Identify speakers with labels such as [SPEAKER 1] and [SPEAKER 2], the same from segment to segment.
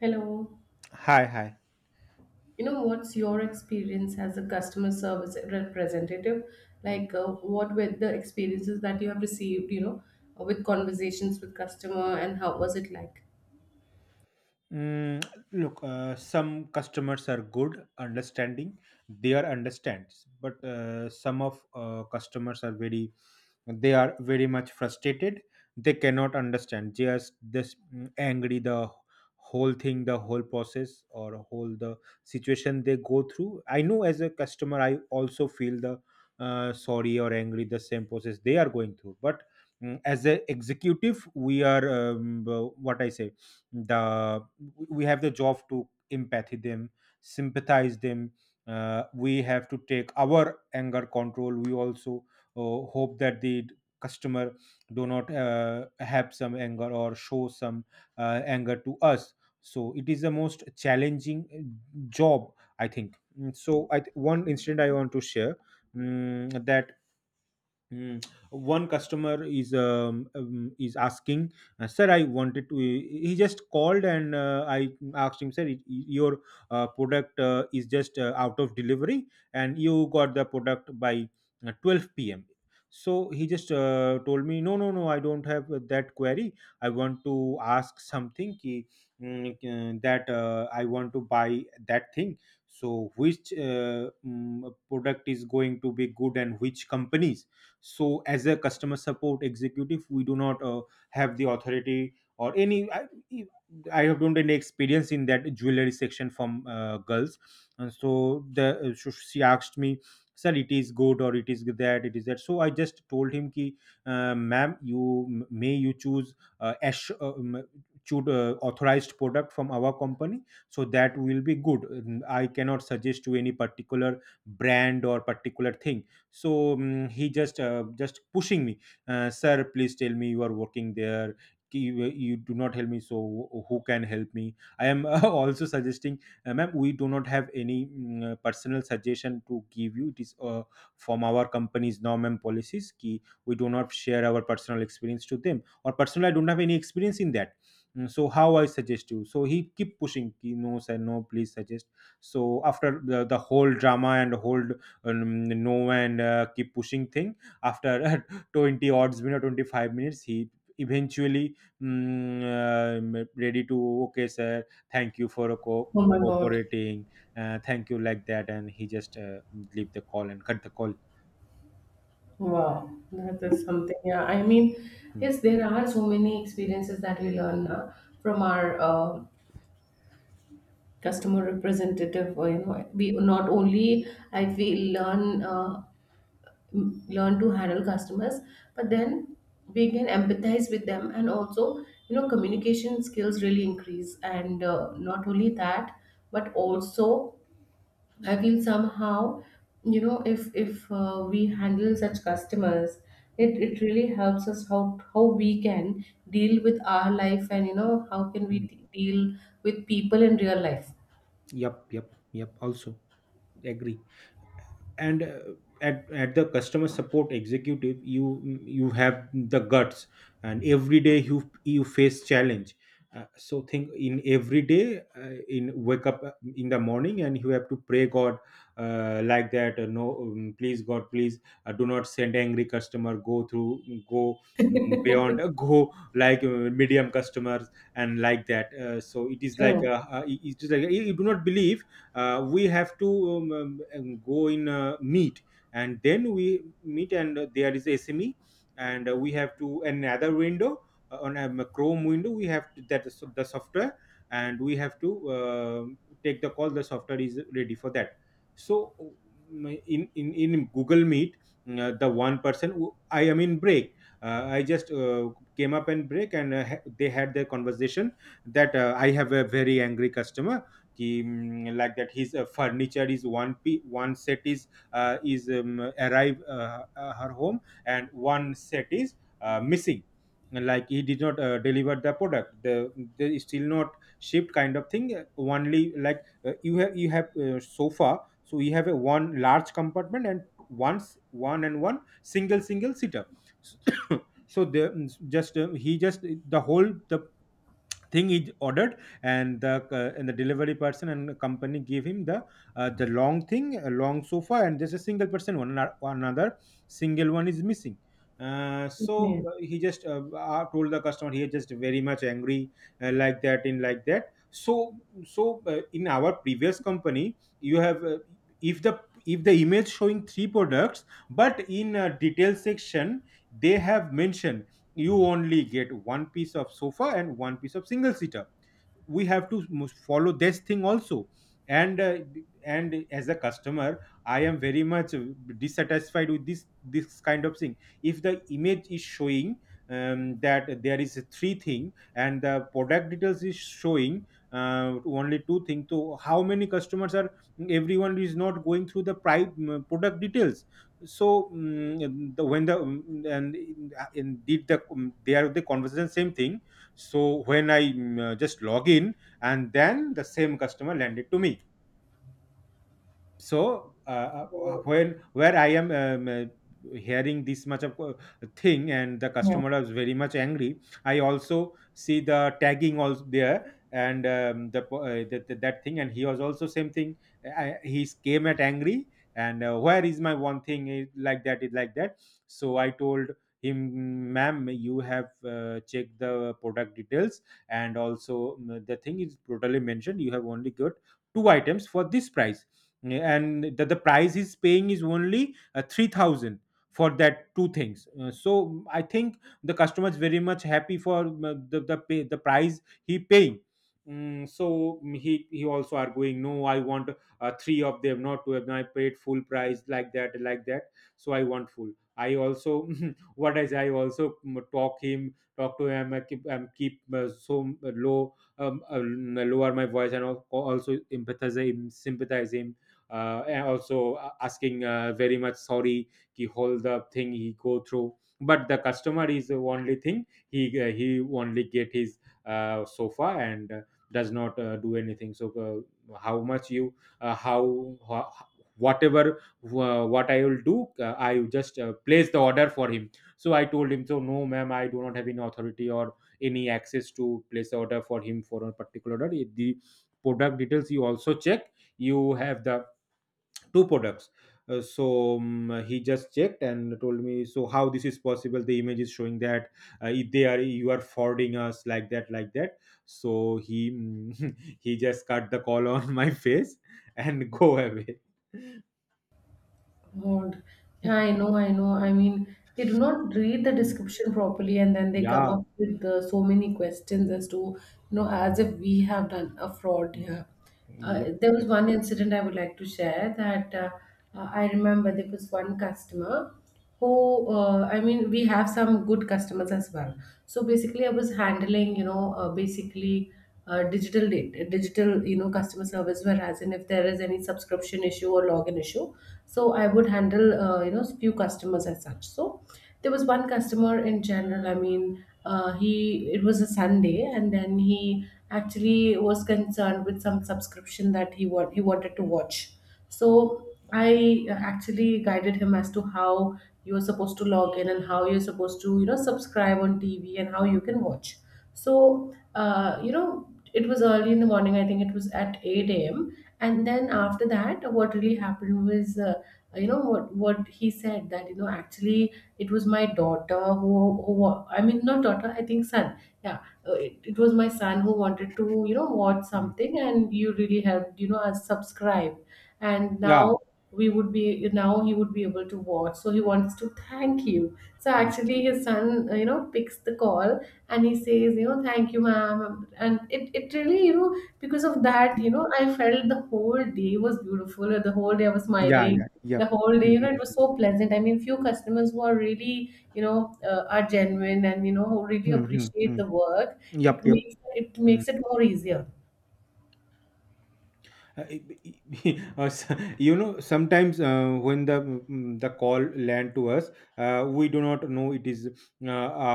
[SPEAKER 1] Hello.
[SPEAKER 2] Hi, hi.
[SPEAKER 1] You know, what's your experience as a customer service representative? Like, what were the experiences that you have received, you know, with conversations with customer and how was it like?
[SPEAKER 2] Mm, Look, some customers are good, understanding. They are understands, but some of customers are very, they are very much frustrated. They cannot understand. They are this angry the whole thing, the whole process, or whole the situation they go through. I know as a customer, I also feel the sorry or angry the same process they are going through, but. As a executive, we are um, what I say the we have the job to empathy them sympathize them, we have to take our anger control. We also uh, hope that the customer do not have some anger or show some anger to us. So it is the most challenging job, I think. So, one incident I want to share, that. Mm. One customer is asking, "Sir, I wanted to." He just called, and I asked him, "Sir, it, your product is just out of delivery, and you got the product by 12 p.m." So he just told me, "No, no, no, I don't have that query. I want to ask something ki, that I want to buy that thing. So which product is going to be good, and which companies?" So as a customer support executive, we do not have the authority or any e, I have don't any experience in that jewelry section from girls. And so the so she asked me, "Sir, it is good, or it is that, it is that." So I just told him ki, "Ma'am, you choose, uh, ash, um, choose authorized product from our company, so that will be good. I cannot suggest to any particular brand or particular thing." So he just pushing me, "Sir, please tell me, you are working there, you do not help me, so who can help me? I am also suggesting." "Ma'am, we do not have any personal suggestion to give you. It is from our company's norm and policies ki we do not share our personal experience to them, or personally I don't have any experience in that. So how I suggest you?" So he keep pushing ki, "No sir, no, please suggest." So after the whole drama, and whole no, and keep pushing thing, after 20 odds minute 25 minutes, he eventually ready to, "Okay sir, thank you for
[SPEAKER 1] Oh my God.
[SPEAKER 2] cooperating, thank you," like that. And he just leave the call and cut the call.
[SPEAKER 1] Wow. That is
[SPEAKER 2] Mm,
[SPEAKER 1] something. Yeah. I mean,
[SPEAKER 2] mm,
[SPEAKER 1] yes, there are so many experiences that we learn from our customer representative, or you know we not only I feel learn learn to handle customers, but then we can empathize with them, and also you know communication skills really increase. And not only that, but also I feel somehow you know if we handle such customers, it really helps us how we can deal with our life, and you know how can we
[SPEAKER 2] mm.
[SPEAKER 1] deal with people in real life.
[SPEAKER 2] Yep, yep, yep, also agree. And at the customer support executive, you have the guts, and every day you face challenge. So think, in every day in wake up in the morning, and you have to pray god, like that, "No, please god, please do not send angry customer. Go through, go beyond go like medium customers." And like that. So it is like
[SPEAKER 1] True.
[SPEAKER 2] it is like you do not believe. We have to go in meet, and then we meet. And there is sme, and we have to another window on a chrome window, we have to, that is the software. And we have to take the call. The software is ready for that. So in Google Meet, the one person I am in break, I just came up and break, and they had their conversation that "I have a very angry customer कि like that, his furniture is one set is arrive her home, and one set is missing, like he did not deliver the product, the still not shipped kind of thing." Only like you have sofa. So you have a one large compartment, and once one and one single sitter so the just he just the whole the thing is ordered, and the delivery person and company give him the long thing, a long sofa, and there's a single person, one another single one is missing. So
[SPEAKER 1] Okay.
[SPEAKER 2] he just told the customer, he is just very much angry. Like that, in like that. So in our previous company, you have if the image showing three products, but in a detail section, they have mentioned, you only get one piece of sofa and one piece of single seater. We have to must follow this thing also. And as a customer, I am very much dissatisfied with this kind of thing. If the image is showing that there is a three thing, and the product details is showing only two things, so how many customers are, everyone is not going through the product details. So the when the and did the they are the conversation same thing. So when I just log in, and then the same customer lend it to me. So
[SPEAKER 1] Good.
[SPEAKER 2] when where I am hearing this much of thing, and the
[SPEAKER 1] Yeah.
[SPEAKER 2] customer is very much angry. I also see the tagging also there, and the that thing, and he was also same thing. He came at angry. And "Where is my one thing? Like that, it like that." So I told him, "Ma'am, you have checked the product details, and also the thing is totally mentioned. You have only got two items for this price." Yeah, and the price he's paying is only 3,000 for that two things. So I think the customer is very much happy for the price he paying. So he also arguing, "No, I want three of them, not two of them. I paid full price," like that, like that. "So I want full." I also what is I also talk to him. I keep so low lower my voice, and also empathize him, sympathize him. And also asking very much sorry ki all the thing he go through. But the customer is the only thing, he only get his sofa, and does not do anything. So how much you, uh, how, ho- whatever, what I will do, I will just place the order for him. So I told him, "So no ma'am, I do not have any authority or any access to place the order for him for a particular order. If the product details you also check, you have the two products." So he just checked and told me, "So how this is possible? The image is showing that if they are you are forwarding us," like that, like that. So he mm, he just cut the call on my face, and go away.
[SPEAKER 1] God. Yeah, I know, I know. I mean, they do not read the
[SPEAKER 2] Mm,
[SPEAKER 1] description properly, and then they come
[SPEAKER 2] yeah.
[SPEAKER 1] up with so many questions as to, you know, as if we have done a fraud
[SPEAKER 2] Mhm.
[SPEAKER 1] here.
[SPEAKER 2] Yep,
[SPEAKER 1] There was
[SPEAKER 2] yep.
[SPEAKER 1] one incident I would like to share that I remember. There was one customer who, I mean, we have some good customers as well. So basically, I was handling, you know, basically, digital data, digital, you know, customer service, whereas in if there is any subscription issue or login issue, so I would handle you know few customers as such. So there was one customer in general, I mean he it was a Sunday, and then he actually was concerned with some subscription that he wanted to watch. So I actually guided him as to how you're supposed to log in and how you're supposed to, you know, subscribe on TV and how you can watch. So you know, it was early in the morning. I think it was at 8 a.m. And then after that, what really happened was, you know, what he said, that you know actually it was my daughter who, I mean not daughter, I think son. Yeah, it, it was my son who wanted to, you know, watch
[SPEAKER 2] Mm.
[SPEAKER 1] something, and you really helped you know us subscribe. And
[SPEAKER 2] Yeah.
[SPEAKER 1] now he would be able to watch, so he wants to thank you. So
[SPEAKER 2] Mm.
[SPEAKER 1] actually his son, you know, picks the call, and he says, you know, thank you ma'am. And it really, you know, because of that you know I felt the whole day was beautiful. The whole day I was
[SPEAKER 2] Yeah,
[SPEAKER 1] smiling.
[SPEAKER 2] yeah,
[SPEAKER 1] The
[SPEAKER 2] yep.
[SPEAKER 1] whole day, you know, it was
[SPEAKER 2] Mhm.
[SPEAKER 1] so pleasant. I mean, few customers who are really, you know, are genuine and you know who really
[SPEAKER 2] Mhm.
[SPEAKER 1] appreciate
[SPEAKER 2] Mhm.
[SPEAKER 1] the work, it
[SPEAKER 2] Yep, yep.
[SPEAKER 1] makes, it
[SPEAKER 2] Mm.
[SPEAKER 1] makes it more easier.
[SPEAKER 2] Uh, uh, s- sometimes when the call land to us, we do not know it is a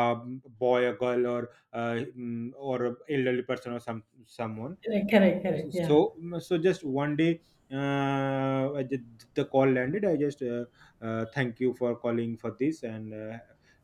[SPEAKER 2] boy, a girl, or or a elderly person or someone.
[SPEAKER 1] Correct, correct, correct, yeah.
[SPEAKER 2] So so just 1 day, the call landed. I just thank you for calling for this, and uh,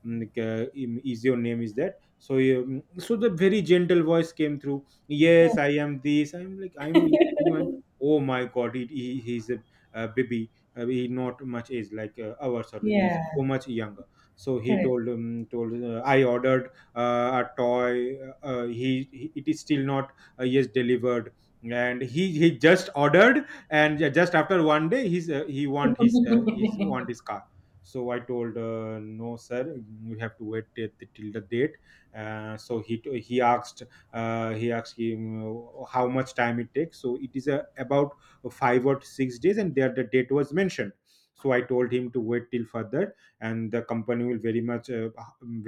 [SPEAKER 2] mm, like, uh, im- is your name is that? So so the very gentle voice came through, "Yes, I am this. I'm like, I'm in." Oh my god, he's a baby. He not much age, like our sir. He's
[SPEAKER 1] Yeah.
[SPEAKER 2] so much younger. So he
[SPEAKER 1] Correct,
[SPEAKER 2] told "I ordered a toy." He It is still not yes delivered, and he just ordered. And just after 1 day, he's want his car. So I told, "No, sir, you have to wait till, till the date." So he asked, he asked him, "How much time it takes?" So it is about 5 or 6 days, and there the date was mentioned. So I told him to wait till further, and the company will very much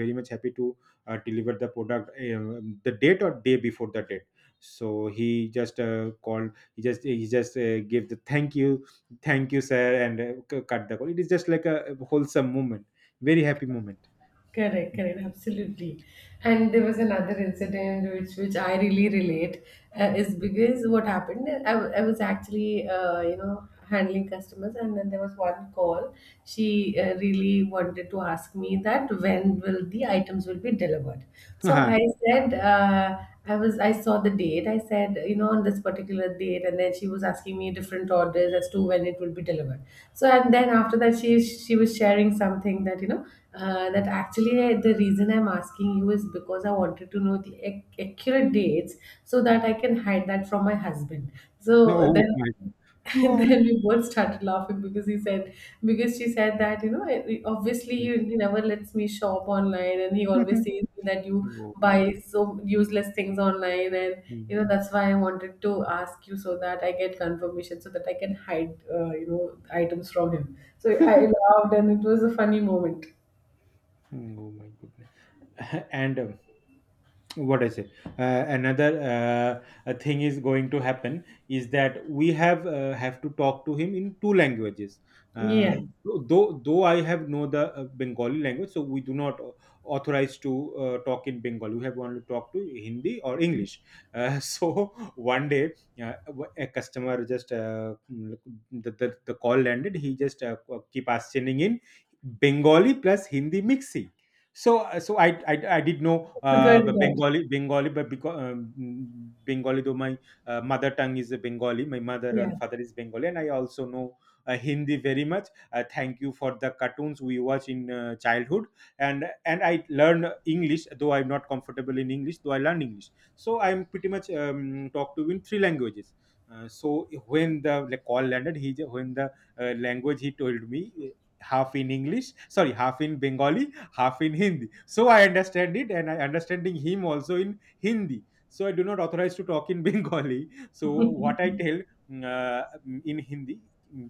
[SPEAKER 2] very much happy to deliver the product the date or day before the date. So he just he just gave the thank you, "Thank you, sir," and cut the call. It is just like a wholesome moment, very happy moment.
[SPEAKER 1] correct, correct, absolutely. And there was another incident which I really relate is because what happened, I was actually, you know, handling customers, and then there was one call. She really wanted to ask me that when will the items will be delivered. So I said, I saw the date. I said, you know, on this particular date, and then she was asking me different orders as to when it will be delivered. So and then after that, she was sharing something that you know that actually, the reason I'm asking you is because I wanted to know the accurate dates so that
[SPEAKER 2] Mm.
[SPEAKER 1] I
[SPEAKER 2] Ah.
[SPEAKER 1] can hide that from my husband.
[SPEAKER 2] No,
[SPEAKER 1] So
[SPEAKER 2] oh
[SPEAKER 1] then
[SPEAKER 2] my
[SPEAKER 1] and
[SPEAKER 2] god.
[SPEAKER 1] then we both started laughing because she said that, you know, obviously he never lets me shop online, and he always says that you
[SPEAKER 2] Oh my
[SPEAKER 1] buy
[SPEAKER 2] goodness.
[SPEAKER 1] so useless things online. And, you
[SPEAKER 2] Mm.
[SPEAKER 1] know, that's why I wanted to ask you, so that I get confirmation so that I can hide, you know, items from him. So I laughed, and it was a funny moment.
[SPEAKER 2] Oh my goodness. And what I say. Another a thing is going to happen is that we have to talk to him in two languages.
[SPEAKER 1] Yeah.
[SPEAKER 2] Uh, though I have know the Bengali language, so we do not authorize to talk in Bengali. We have only talk to Hindi or English. So 1 day, uh, a customer just the call landed. He just keep us sending in Bengali plus Hindi mixi. So, so I did know
[SPEAKER 1] We got it out.
[SPEAKER 2] Bengali. But because Bengali, though my mother tongue is a Bengali, my mother
[SPEAKER 1] Yeah.
[SPEAKER 2] and father is Bengali, and I also know Hindi very much. Thank you for the cartoons we watch in childhood, and I learn English, though I'm not comfortable in English, though I learn English. So I'm pretty much talked to in three languages. So when the like, call landed, when the language, he told me half in English, sorry, half in Bengali, half in Hindi. So I understand it, and I understanding him also in Hindi. So I do not authorize to talk in Bengali. So what I tell mm, uh, in Hindi, mm,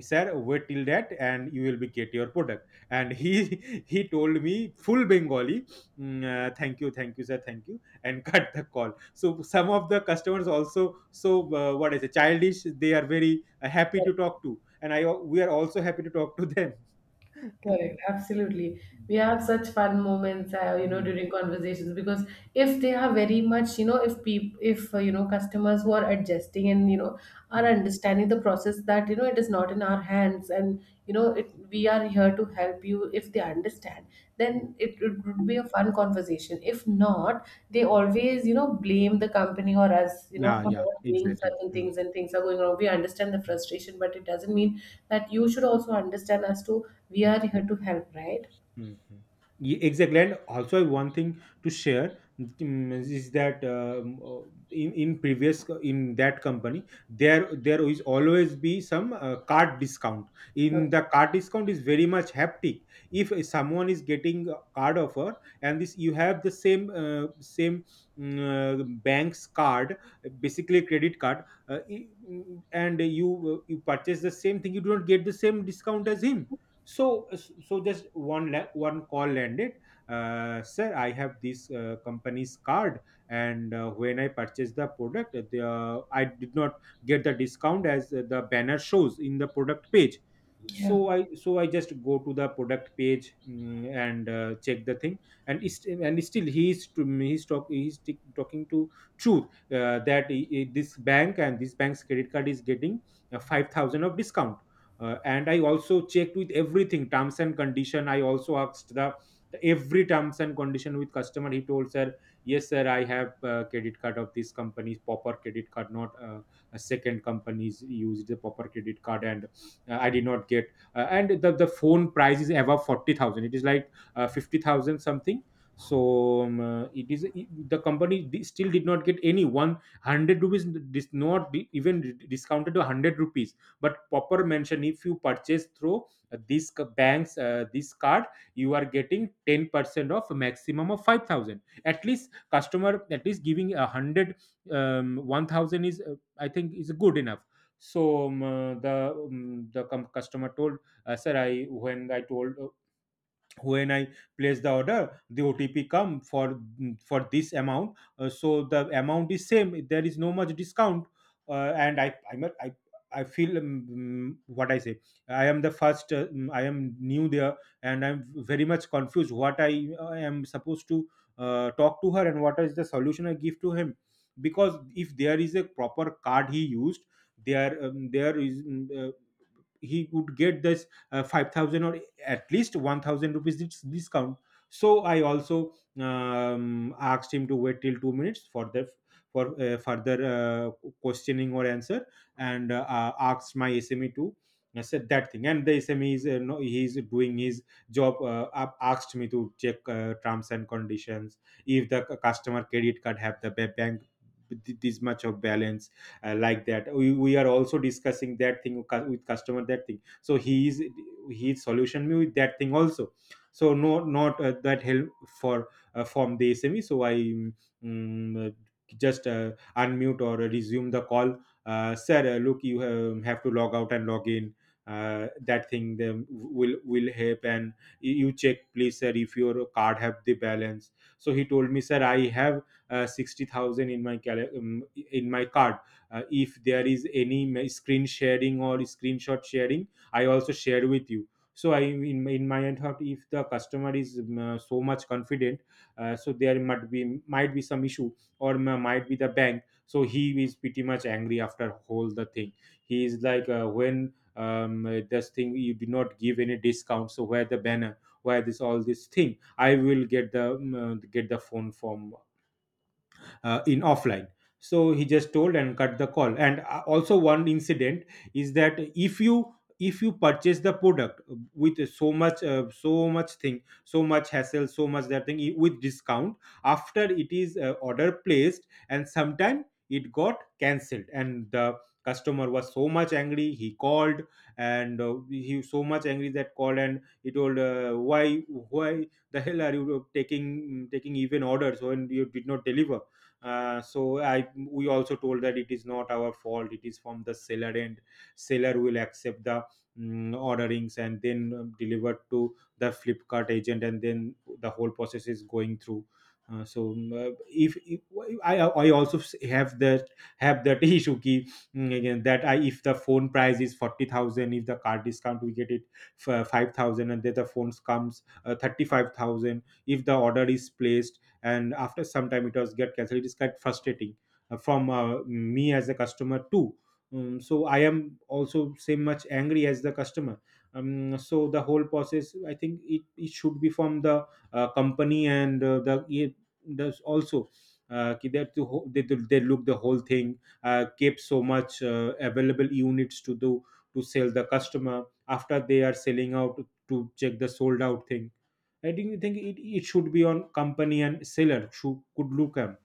[SPEAKER 2] "Sir, wait till that, and you will be get your product." And he he told me full Bengali, "Mm, thank you, sir, thank you," and cut the call. So some of the customers also so what is it, childish? They are very happy to talk to, and we are also happy to talk to them.
[SPEAKER 1] Correct, absolutely. We have such fun moments, you know,
[SPEAKER 2] Mm,
[SPEAKER 1] during conversations, because if they are very much, you know, if you know, customers who are adjusting and you know are
[SPEAKER 2] mm.
[SPEAKER 1] understanding the process, that you know it is not in our hands and you know we are here to help you, if they understand then it would be a fun conversation. If not, they always, you know, blame the company or us, you know,
[SPEAKER 2] Yeah,
[SPEAKER 1] for
[SPEAKER 2] yeah,
[SPEAKER 1] not doing
[SPEAKER 2] exactly.
[SPEAKER 1] certain
[SPEAKER 2] Mm,
[SPEAKER 1] things, and things are going wrong. We understand the
[SPEAKER 2] mm,
[SPEAKER 1] frustration, but it doesn't mean that you should also understand us too. We
[SPEAKER 2] mm.
[SPEAKER 1] are here to help, right?
[SPEAKER 2] Mhm. Exactly. And also one thing to share, is that in previous in that company, there is always be some card discount.
[SPEAKER 1] Yeah.
[SPEAKER 2] In the card discount is very much haptic. If someone is getting a card offer, and this you have the same same mm, uh, bank's card, basically credit card, and you purchase the same thing, you do not get the same discount as him. So just one call landed. "Sir, I have this company's card, and when I purchased the product, I did not get the discount as the banner shows in the product page."
[SPEAKER 1] Yeah.
[SPEAKER 2] So I just go to the product page, and check the thing, and it's, and still he is to me, he's, talk, he's t- talking to truth, that this bank and this bank's credit card is getting 5,000 of discount. And I also checked with everything, terms and condition. I also asked the every terms and condition with customer. He told, "Sir, yes sir I have credit card of this company's proper credit card, not a second company's. Used the proper credit card, and I did not get." And the phone price is above 40,000. It is like 50,000 something. So it is, the company still did not get any 100 rupees. This not even discounted to 100 rupees. But proper mention, if you purchase through banks this card, you are getting 10% of maximum of 5,000. At least customer at least giving a 100, 1000 is I think is good enough. So the customer told, "Sir, I when I told, when I place the order, the otp come for this amount." So the amount is same, there is no much discount. And I feel, what I say. I am the first. I am new there, and I'm very much confused. What I am supposed to talk to her, and what is the solution I give to him? Because if there is a proper card he used, there there is he would get this 5,000 or at least 1,000 rupees discount. So I also asked him to wait till 2 minutes for the, for further questioning or answer. And asked my sme to, I said that thing, and the sme is no, he's doing his job. Asked me to check terms and conditions, if the customer credit card have the bank this much of balance. Like that we are also discussing that thing with with customer. That thing, so he is his solution me with that thing also. So no, not that help for from the sme. So just unmute or resume the call. "Sir, look, you have to log out and log in, that thing them will help. And you check, please, sir, if your card have the balance." So he told me, "Sir, I have 60,000 in my in my card. If there is any screen sharing or screenshot sharing, I also shared with you." So I in my end thought, if the customer is so much confident, so there might be, might be some issue, or might be the bank. So he is pretty much angry after whole the thing. He is like, when this thing you did not give any discount. So where the banner, where this all this thing, I will get the phone from in offline. So he just told and cut the call. And also one incident is that, if you, if you purchase the product with so much so much thing, so much hassle, so much that thing with discount, after it is order placed, and sometime it got cancelled, and the customer was so much angry, he called. And he was so much angry that called, and he told, "Why the hell are you taking even orders when you did not deliver?" So I we also told that, "It is not our fault. It is from the seller, and seller will accept the orderings, and then delivered to the Flipkart agent, and then the whole process is going through." So if I also have that, have that issue key. Mm, again that I, if the phone price is 40,000, if the card discount we get it for 5,000, and then the phones comes 35,000, if the order is placed and after some time it was get cancelled, it is quite frustrating from me as a customer too. So I am also same much angry as the customer. So the whole process, I think it, it should be from the company. And the it does also ki they, have to, they look the whole thing, keep so much available units to do to sell the customer. After they are selling out, to check the sold out thing. I don't think it, it should be on company and seller should could look at.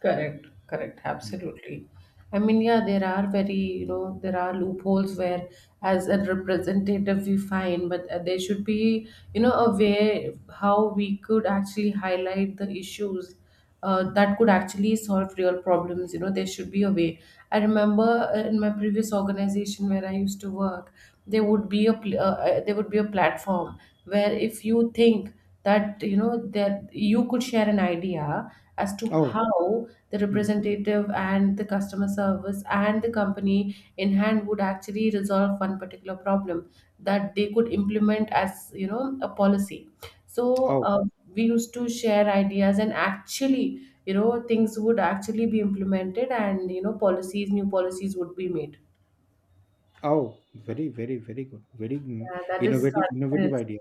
[SPEAKER 1] Correct, correct,
[SPEAKER 2] Mm,
[SPEAKER 1] absolutely. I mean, yeah, you know, there are loopholes where, as a representative, we find, but there should be, you know, a
[SPEAKER 2] mm.
[SPEAKER 1] way how we could actually highlight the issues, that could actually solve real problems. You know, there should be a way. I remember in my previous organization where I used to work, there would be a platform where if you think that you know that you could share an idea as to
[SPEAKER 2] Oh,
[SPEAKER 1] how the
[SPEAKER 2] mm.
[SPEAKER 1] representative and the customer service and the company in hand would actually resolve one particular problem, that they could implement as you know a policy. So
[SPEAKER 2] Oh,
[SPEAKER 1] we used to share ideas, and actually, you know, things would actually be implemented, and you know policies new policies would be made.
[SPEAKER 2] oh, very, very, very good. Very
[SPEAKER 1] Yeah, that is.
[SPEAKER 2] innovative, innovative idea.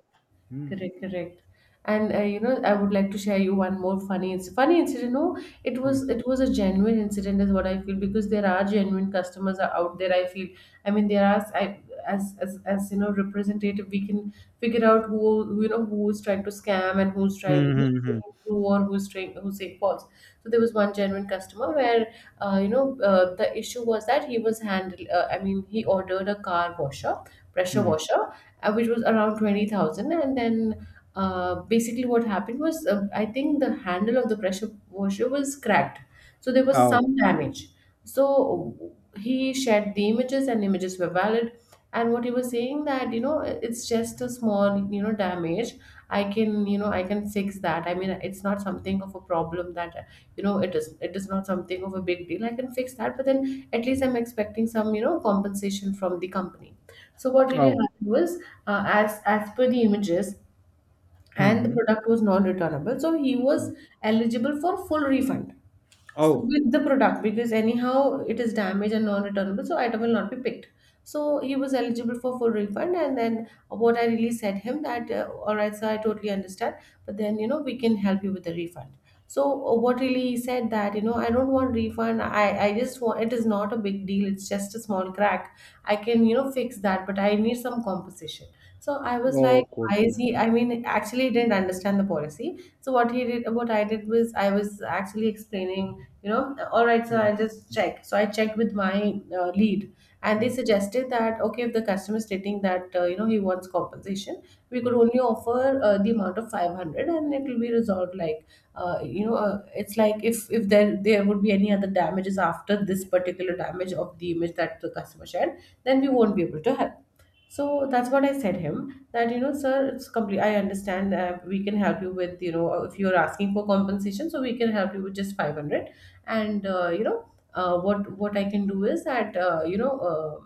[SPEAKER 2] Mm,
[SPEAKER 1] Correct, correct. And you know, I would like to share you one more funny funny incident. No, it was,
[SPEAKER 2] mm.
[SPEAKER 1] it was a genuine incident, is what I feel, because there are genuine customers are out there. I feel, I mean, there are, as you know, representative, we can figure out who, you know, who's trying to scam, and
[SPEAKER 2] Hmm,
[SPEAKER 1] who's
[SPEAKER 2] hmm, hmm.
[SPEAKER 1] saying true, or who's saying false. So there was one genuine customer where you know the issue was that he was handled. I mean, he ordered a pressure
[SPEAKER 2] Mm.
[SPEAKER 1] washer, which was around 20,000. And then basically, what happened was I think the handle of the pressure washer was cracked. So there was some damage. So he shared the images, and images were valid. And what he was saying that, you know, it's just a small, you know, damage. I can, you know, I can fix that. I mean, it's not something of a problem, that, you know, it is not something of a big deal. I can fix that, but then at least I'm expecting some, you know, compensation from the company. So what really
[SPEAKER 2] Oh,
[SPEAKER 1] happened was, as per the images,
[SPEAKER 2] mm,
[SPEAKER 1] and the
[SPEAKER 2] mm,
[SPEAKER 1] product was non-returnable, so he
[SPEAKER 2] mm.
[SPEAKER 1] was eligible for full refund. So
[SPEAKER 2] Oh,
[SPEAKER 1] with the product, because anyhow it is damaged and non-returnable, so item will not be picked. So he was eligible for full refund, and then what I really said him that, all right sir, I totally understand, but then you know we can help you with the refund. So what really he said that, you know, I don't want refund. I just want, it is not a big deal, it's just a small crack. I can, you know, fix that, but I need some compensation. So I was like,
[SPEAKER 2] oh, good.
[SPEAKER 1] why is he? I mean, actually, he didn't understand the policy. So what I did was, I was actually explaining, you know, all right, so
[SPEAKER 2] Mm,
[SPEAKER 1] I'll just
[SPEAKER 2] mm,
[SPEAKER 1] check. So I checked with my lead, and they
[SPEAKER 2] mm,
[SPEAKER 1] suggested that okay, if the customer is stating that you know he wants compensation, we could
[SPEAKER 2] mm.
[SPEAKER 1] only offer the amount of 500, and it will be resolved like, you know, it's like if there would be any other damages after this particular damage of the image that the customer shared, then we won't be able to help. So that's what I said him that, you know, sir, it's complete. I understand. We can help you with, you know, if you are asking for compensation, so we can help you with just 500. And you know, what I can do is that you know. Uh,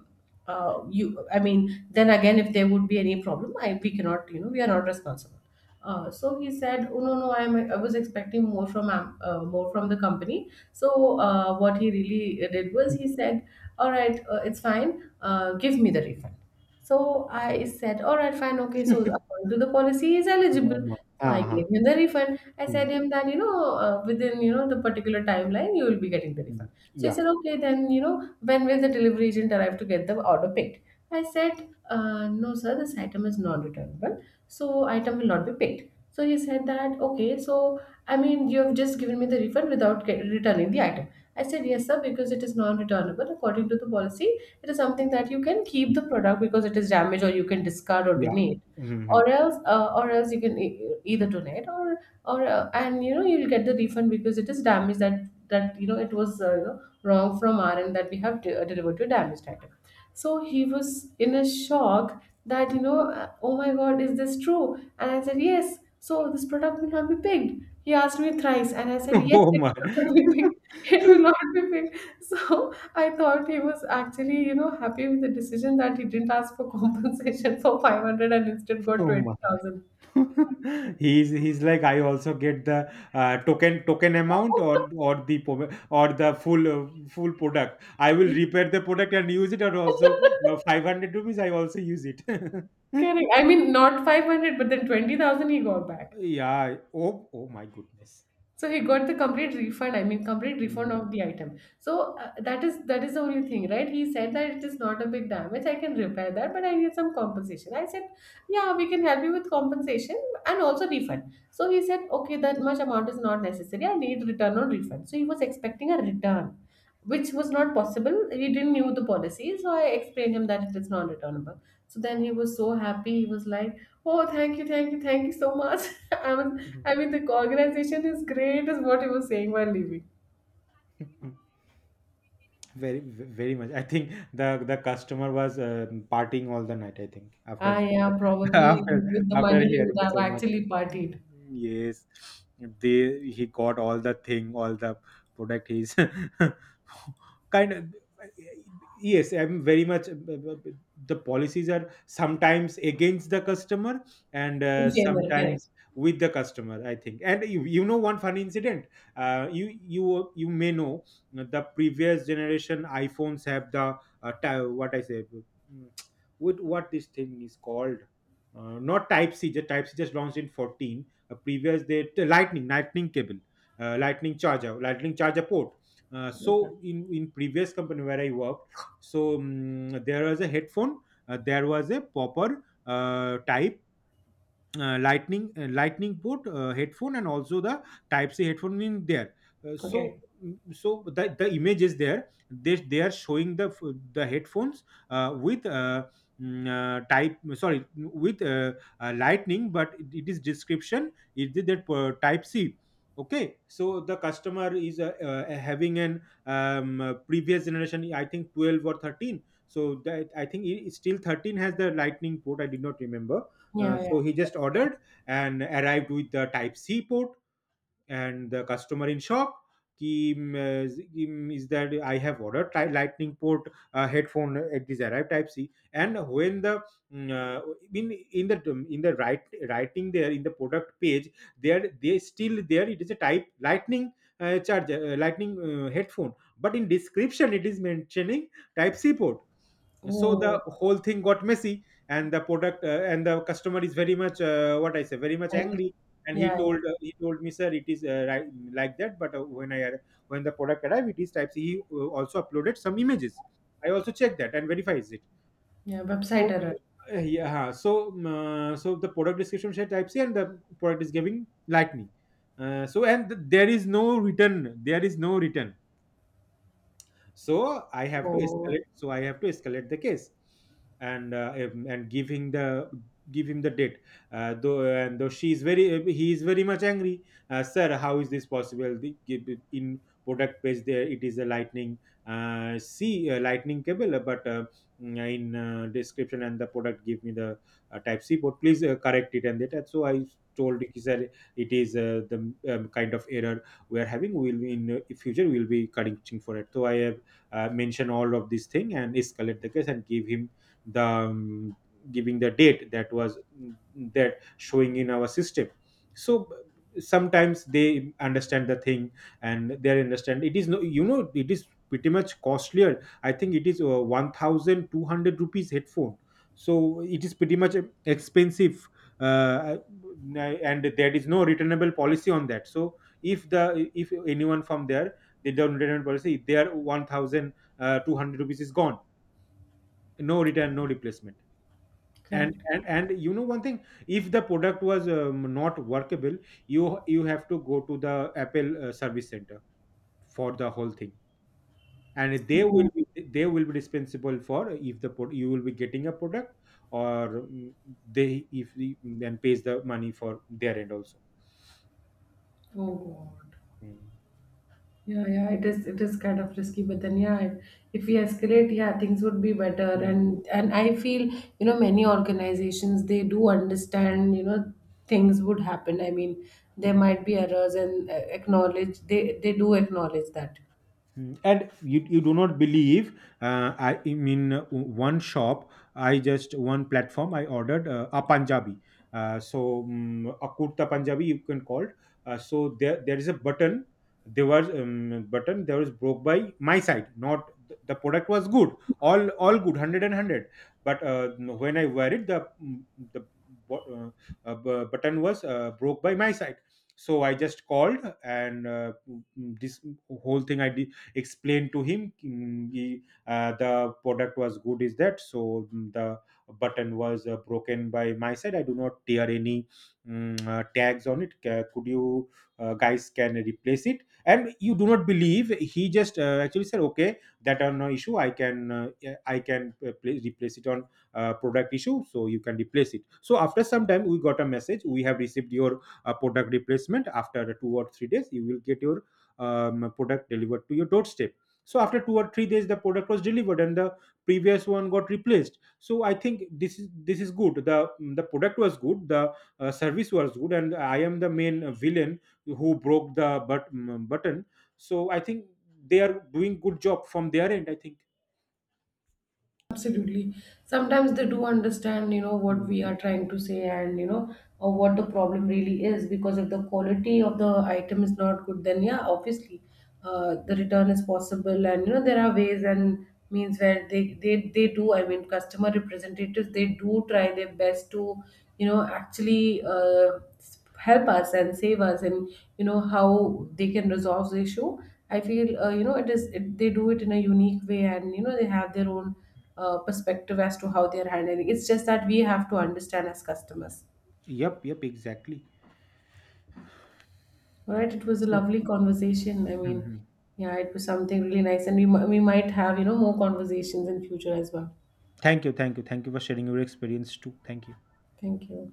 [SPEAKER 1] you I mean, then again, if there would be any problem, I we cannot, you know, we are not responsible. So he said, oh no no, I was expecting more from the company. So what he really did was, he said all right, it's fine, give me the refund. So I said, all right, fine, okay. So according to the policy, he is
[SPEAKER 2] Oh
[SPEAKER 1] eligible.
[SPEAKER 2] my.
[SPEAKER 1] So I gave
[SPEAKER 2] Uh-huh.
[SPEAKER 1] him the refund. I
[SPEAKER 2] Mm,
[SPEAKER 1] said him that within the particular timeline you will be getting the refund.
[SPEAKER 2] mm.
[SPEAKER 1] So he
[SPEAKER 2] Yeah,
[SPEAKER 1] said, okay, then when will the delivery agent arrive to get the order paid? I said, no, sir, this item is non-returnable, so item will not be paid. So he said that, okay, so I mean, you have just given me the refund without returning the item. I said, yes, sir, because it is non returnable. According to the policy, it is something that you can keep
[SPEAKER 2] mm,
[SPEAKER 1] the product because it is damaged, or you can discard or
[SPEAKER 2] yeah.
[SPEAKER 1] donate.
[SPEAKER 2] Mm-hmm.
[SPEAKER 1] Or else you can either donate, or and you'll get the refund because it is damage that it was wrong from our end that we have delivered to a damaged item. So he was in a shock that oh my God, is this true? And I said, yes. So this product will not be picked. He asked me thrice, and I said, yes,
[SPEAKER 2] Oh
[SPEAKER 1] it
[SPEAKER 2] my.
[SPEAKER 1] will not be picked. It will not be picked. So I thought he was actually, you know, happy with the decision that he didn't ask for compensation for 500 and instead got
[SPEAKER 2] Oh my.
[SPEAKER 1] 20,000.
[SPEAKER 2] He's like, I also get the token amount, or or the full full product. I will repair the product and use it, or also 500 rupees I also use it.
[SPEAKER 1] Correct. I mean, not 500, but then 20,000 he got back.
[SPEAKER 2] Yeah, oh, oh my goodness.
[SPEAKER 1] So he got the complete refund. I mean, complete refund
[SPEAKER 2] Mm.
[SPEAKER 1] of the item. So that is the only thing, right? He said that it is not a big damage. I can repair that, but I need some compensation. I said, yeah, we can help you with compensation and also refund. So he said, okay, that much amount is not necessary. I need return or refund. So he was expecting a return which was not possible. He didn't knew the policy, so I explained him that it is non-returnable. So then he was so happy. He was like, "Oh, thank you, thank you, thank you so much." I was, I mean, the organization is great, is what he was saying while leaving.
[SPEAKER 2] Very, very much. I think the customer was partying all the night. I think
[SPEAKER 1] Ah,
[SPEAKER 2] after
[SPEAKER 1] yeah, probably
[SPEAKER 2] after
[SPEAKER 1] with the
[SPEAKER 2] after
[SPEAKER 1] money he
[SPEAKER 2] hearing
[SPEAKER 1] would have
[SPEAKER 2] so much.
[SPEAKER 1] actually
[SPEAKER 2] Mm.
[SPEAKER 1] partied
[SPEAKER 2] Yes, they he got all the thing, all the product. He's kind of yes, I'm very much — the policies are sometimes against the customer and
[SPEAKER 1] in favor.
[SPEAKER 2] sometimes with the customer, I think. And you know one funny incident. You may know the previous generation iPhones have the ty- what I say mm, what this thing is called. Not type C. The type C just launched in 14. A previous, they lightning cable, lightning charger, lightning charger port.
[SPEAKER 1] Correct.
[SPEAKER 2] So in previous company where I worked, there was a headphone. There was a popper, type, lightning, lightning port, headphone, and also the type C headphone in there. Uh, so
[SPEAKER 1] Okay.
[SPEAKER 2] so the image is there. They are showing the the headphones uh, with uh, type — sorry — with lightning, but it is description is that type C. Okay, so the customer is, having an previous generation, I think 12 or 13. So that, I think it's still 13 has the lightning port, I did not remember.
[SPEAKER 1] Yeah, yeah.
[SPEAKER 2] So he just ordered and arrived with the type C port, and the customer in shock. Ki, mm, z- mm, Is that I have ordered lightning port headphone. It is arrived type C. And when the mm, uh, in the in the right, writing there in the product page, there they still there it is a type lightning charger, lightning headphone, but in description it is mentioning type C port. So the
[SPEAKER 1] Oh,
[SPEAKER 2] whole thing got messy, and the product and the customer is very much, what I say, very much
[SPEAKER 1] I get it.
[SPEAKER 2] angry. And he
[SPEAKER 1] Yeah,
[SPEAKER 2] told, he told me, sir, it is right, like that, but when the product arrived, it is type C. He also uploaded some images. I also checked that and verifies it.
[SPEAKER 1] yeah. Yeah. Website
[SPEAKER 2] So,
[SPEAKER 1] error.
[SPEAKER 2] so the product description said type C and the product is giving lightning. So, and there is no return. There is no return. So I have to
[SPEAKER 1] Oh,
[SPEAKER 2] escalate. I have to escalate the case and give him the — give him the date. Though she is very he is very much angry. Sir, how is this possible? Give it in product page, there it is a lightning c lightning cable, in description, and the product give me the type C port. Please correct it. And that, so I told, he said it is the kind of error we are having. We will be in future we will be correcting for it. So I have mention all of this thing and escalate the case and give him the giving the date that was that showing in our system. So sometimes they understand the thing, and they understand it is — no, you know, it is pretty much costlier. I think it is 1200 rupees headphone. So it is pretty much expensive. uh, and there is no returnable policy on that. So if the — if anyone from there, they don't return policy, if their 1200 rupees is gone, no return, no replacement. and
[SPEAKER 1] correct.
[SPEAKER 2] and and you know one thing, if the product was not workable, you have to go to the Apple service center for the whole thing, and they will
[SPEAKER 1] Oh,
[SPEAKER 2] be — they will be responsible for, if the you will be getting a product or they, if then pays the money for their end also.
[SPEAKER 1] oh God.
[SPEAKER 2] Mm.
[SPEAKER 1] Yeah, yeah, it is, it is kind of risky, but then yeah, if we escalate, yeah, things would be better. And I feel, you know, many organizations they do understand, you know, things would happen. I mean, there
[SPEAKER 2] Mm.
[SPEAKER 1] might be errors, and acknowledge they do acknowledge that.
[SPEAKER 2] Mm, and you do not believe, I mean, one shop, I just — one platform, I ordered a punjabi, a kurta punjabi you can call it. So there is a button. There was button, there was broke by my side, not the product was good, all good, hundred and hundred. But when I wear it, the the bu- uh, button was broke by my side. So I just called and mm, this whole thing I did, explained to him. He, the product was good, is that. So the button was broken by my side, I do not tear any tags on it. Could you guys can replace it? And you do not believe, he just actually said, okay, that are no issue, I can, yeah, I can replace it on product issue, so you can replace it. So after some time we got a message, we have received your product replacement, after 2 or 3 days you will get your product delivered to your doorstep. So after 2 or 3 days the product was delivered and the previous one got replaced. So I think this is — this is good, the — the product was good, the service was good, and I am the main villain who broke the button. So I think they are doing good job from their end, I think.
[SPEAKER 1] Absolutely. Sometimes they do understand, you know, what we are
[SPEAKER 2] Mhm.
[SPEAKER 1] trying to say and, you know, or what the problem really is. Because if the quality of the item is not good, then yeah, obviously, the return is possible. And, you know, there are ways and means where they do, I mean, customer representatives, they do try their best to, you know, actually help us and save us and, you know, how they can resolve the issue. I feel, they do it in a unique way and, you know, they have their own perspective as to how they're handling. It's just that we have to understand as customers.
[SPEAKER 2] Yep, yep, exactly.
[SPEAKER 1] All right, it was a
[SPEAKER 2] So.
[SPEAKER 1] lovely conversation. I mean,
[SPEAKER 2] Mhm.
[SPEAKER 1] yeah, it was something really nice, and we we might have, you know, more conversations in future as well.
[SPEAKER 2] Thank you, thank you, thank you for sharing your experience too, thank you.
[SPEAKER 1] Thank you.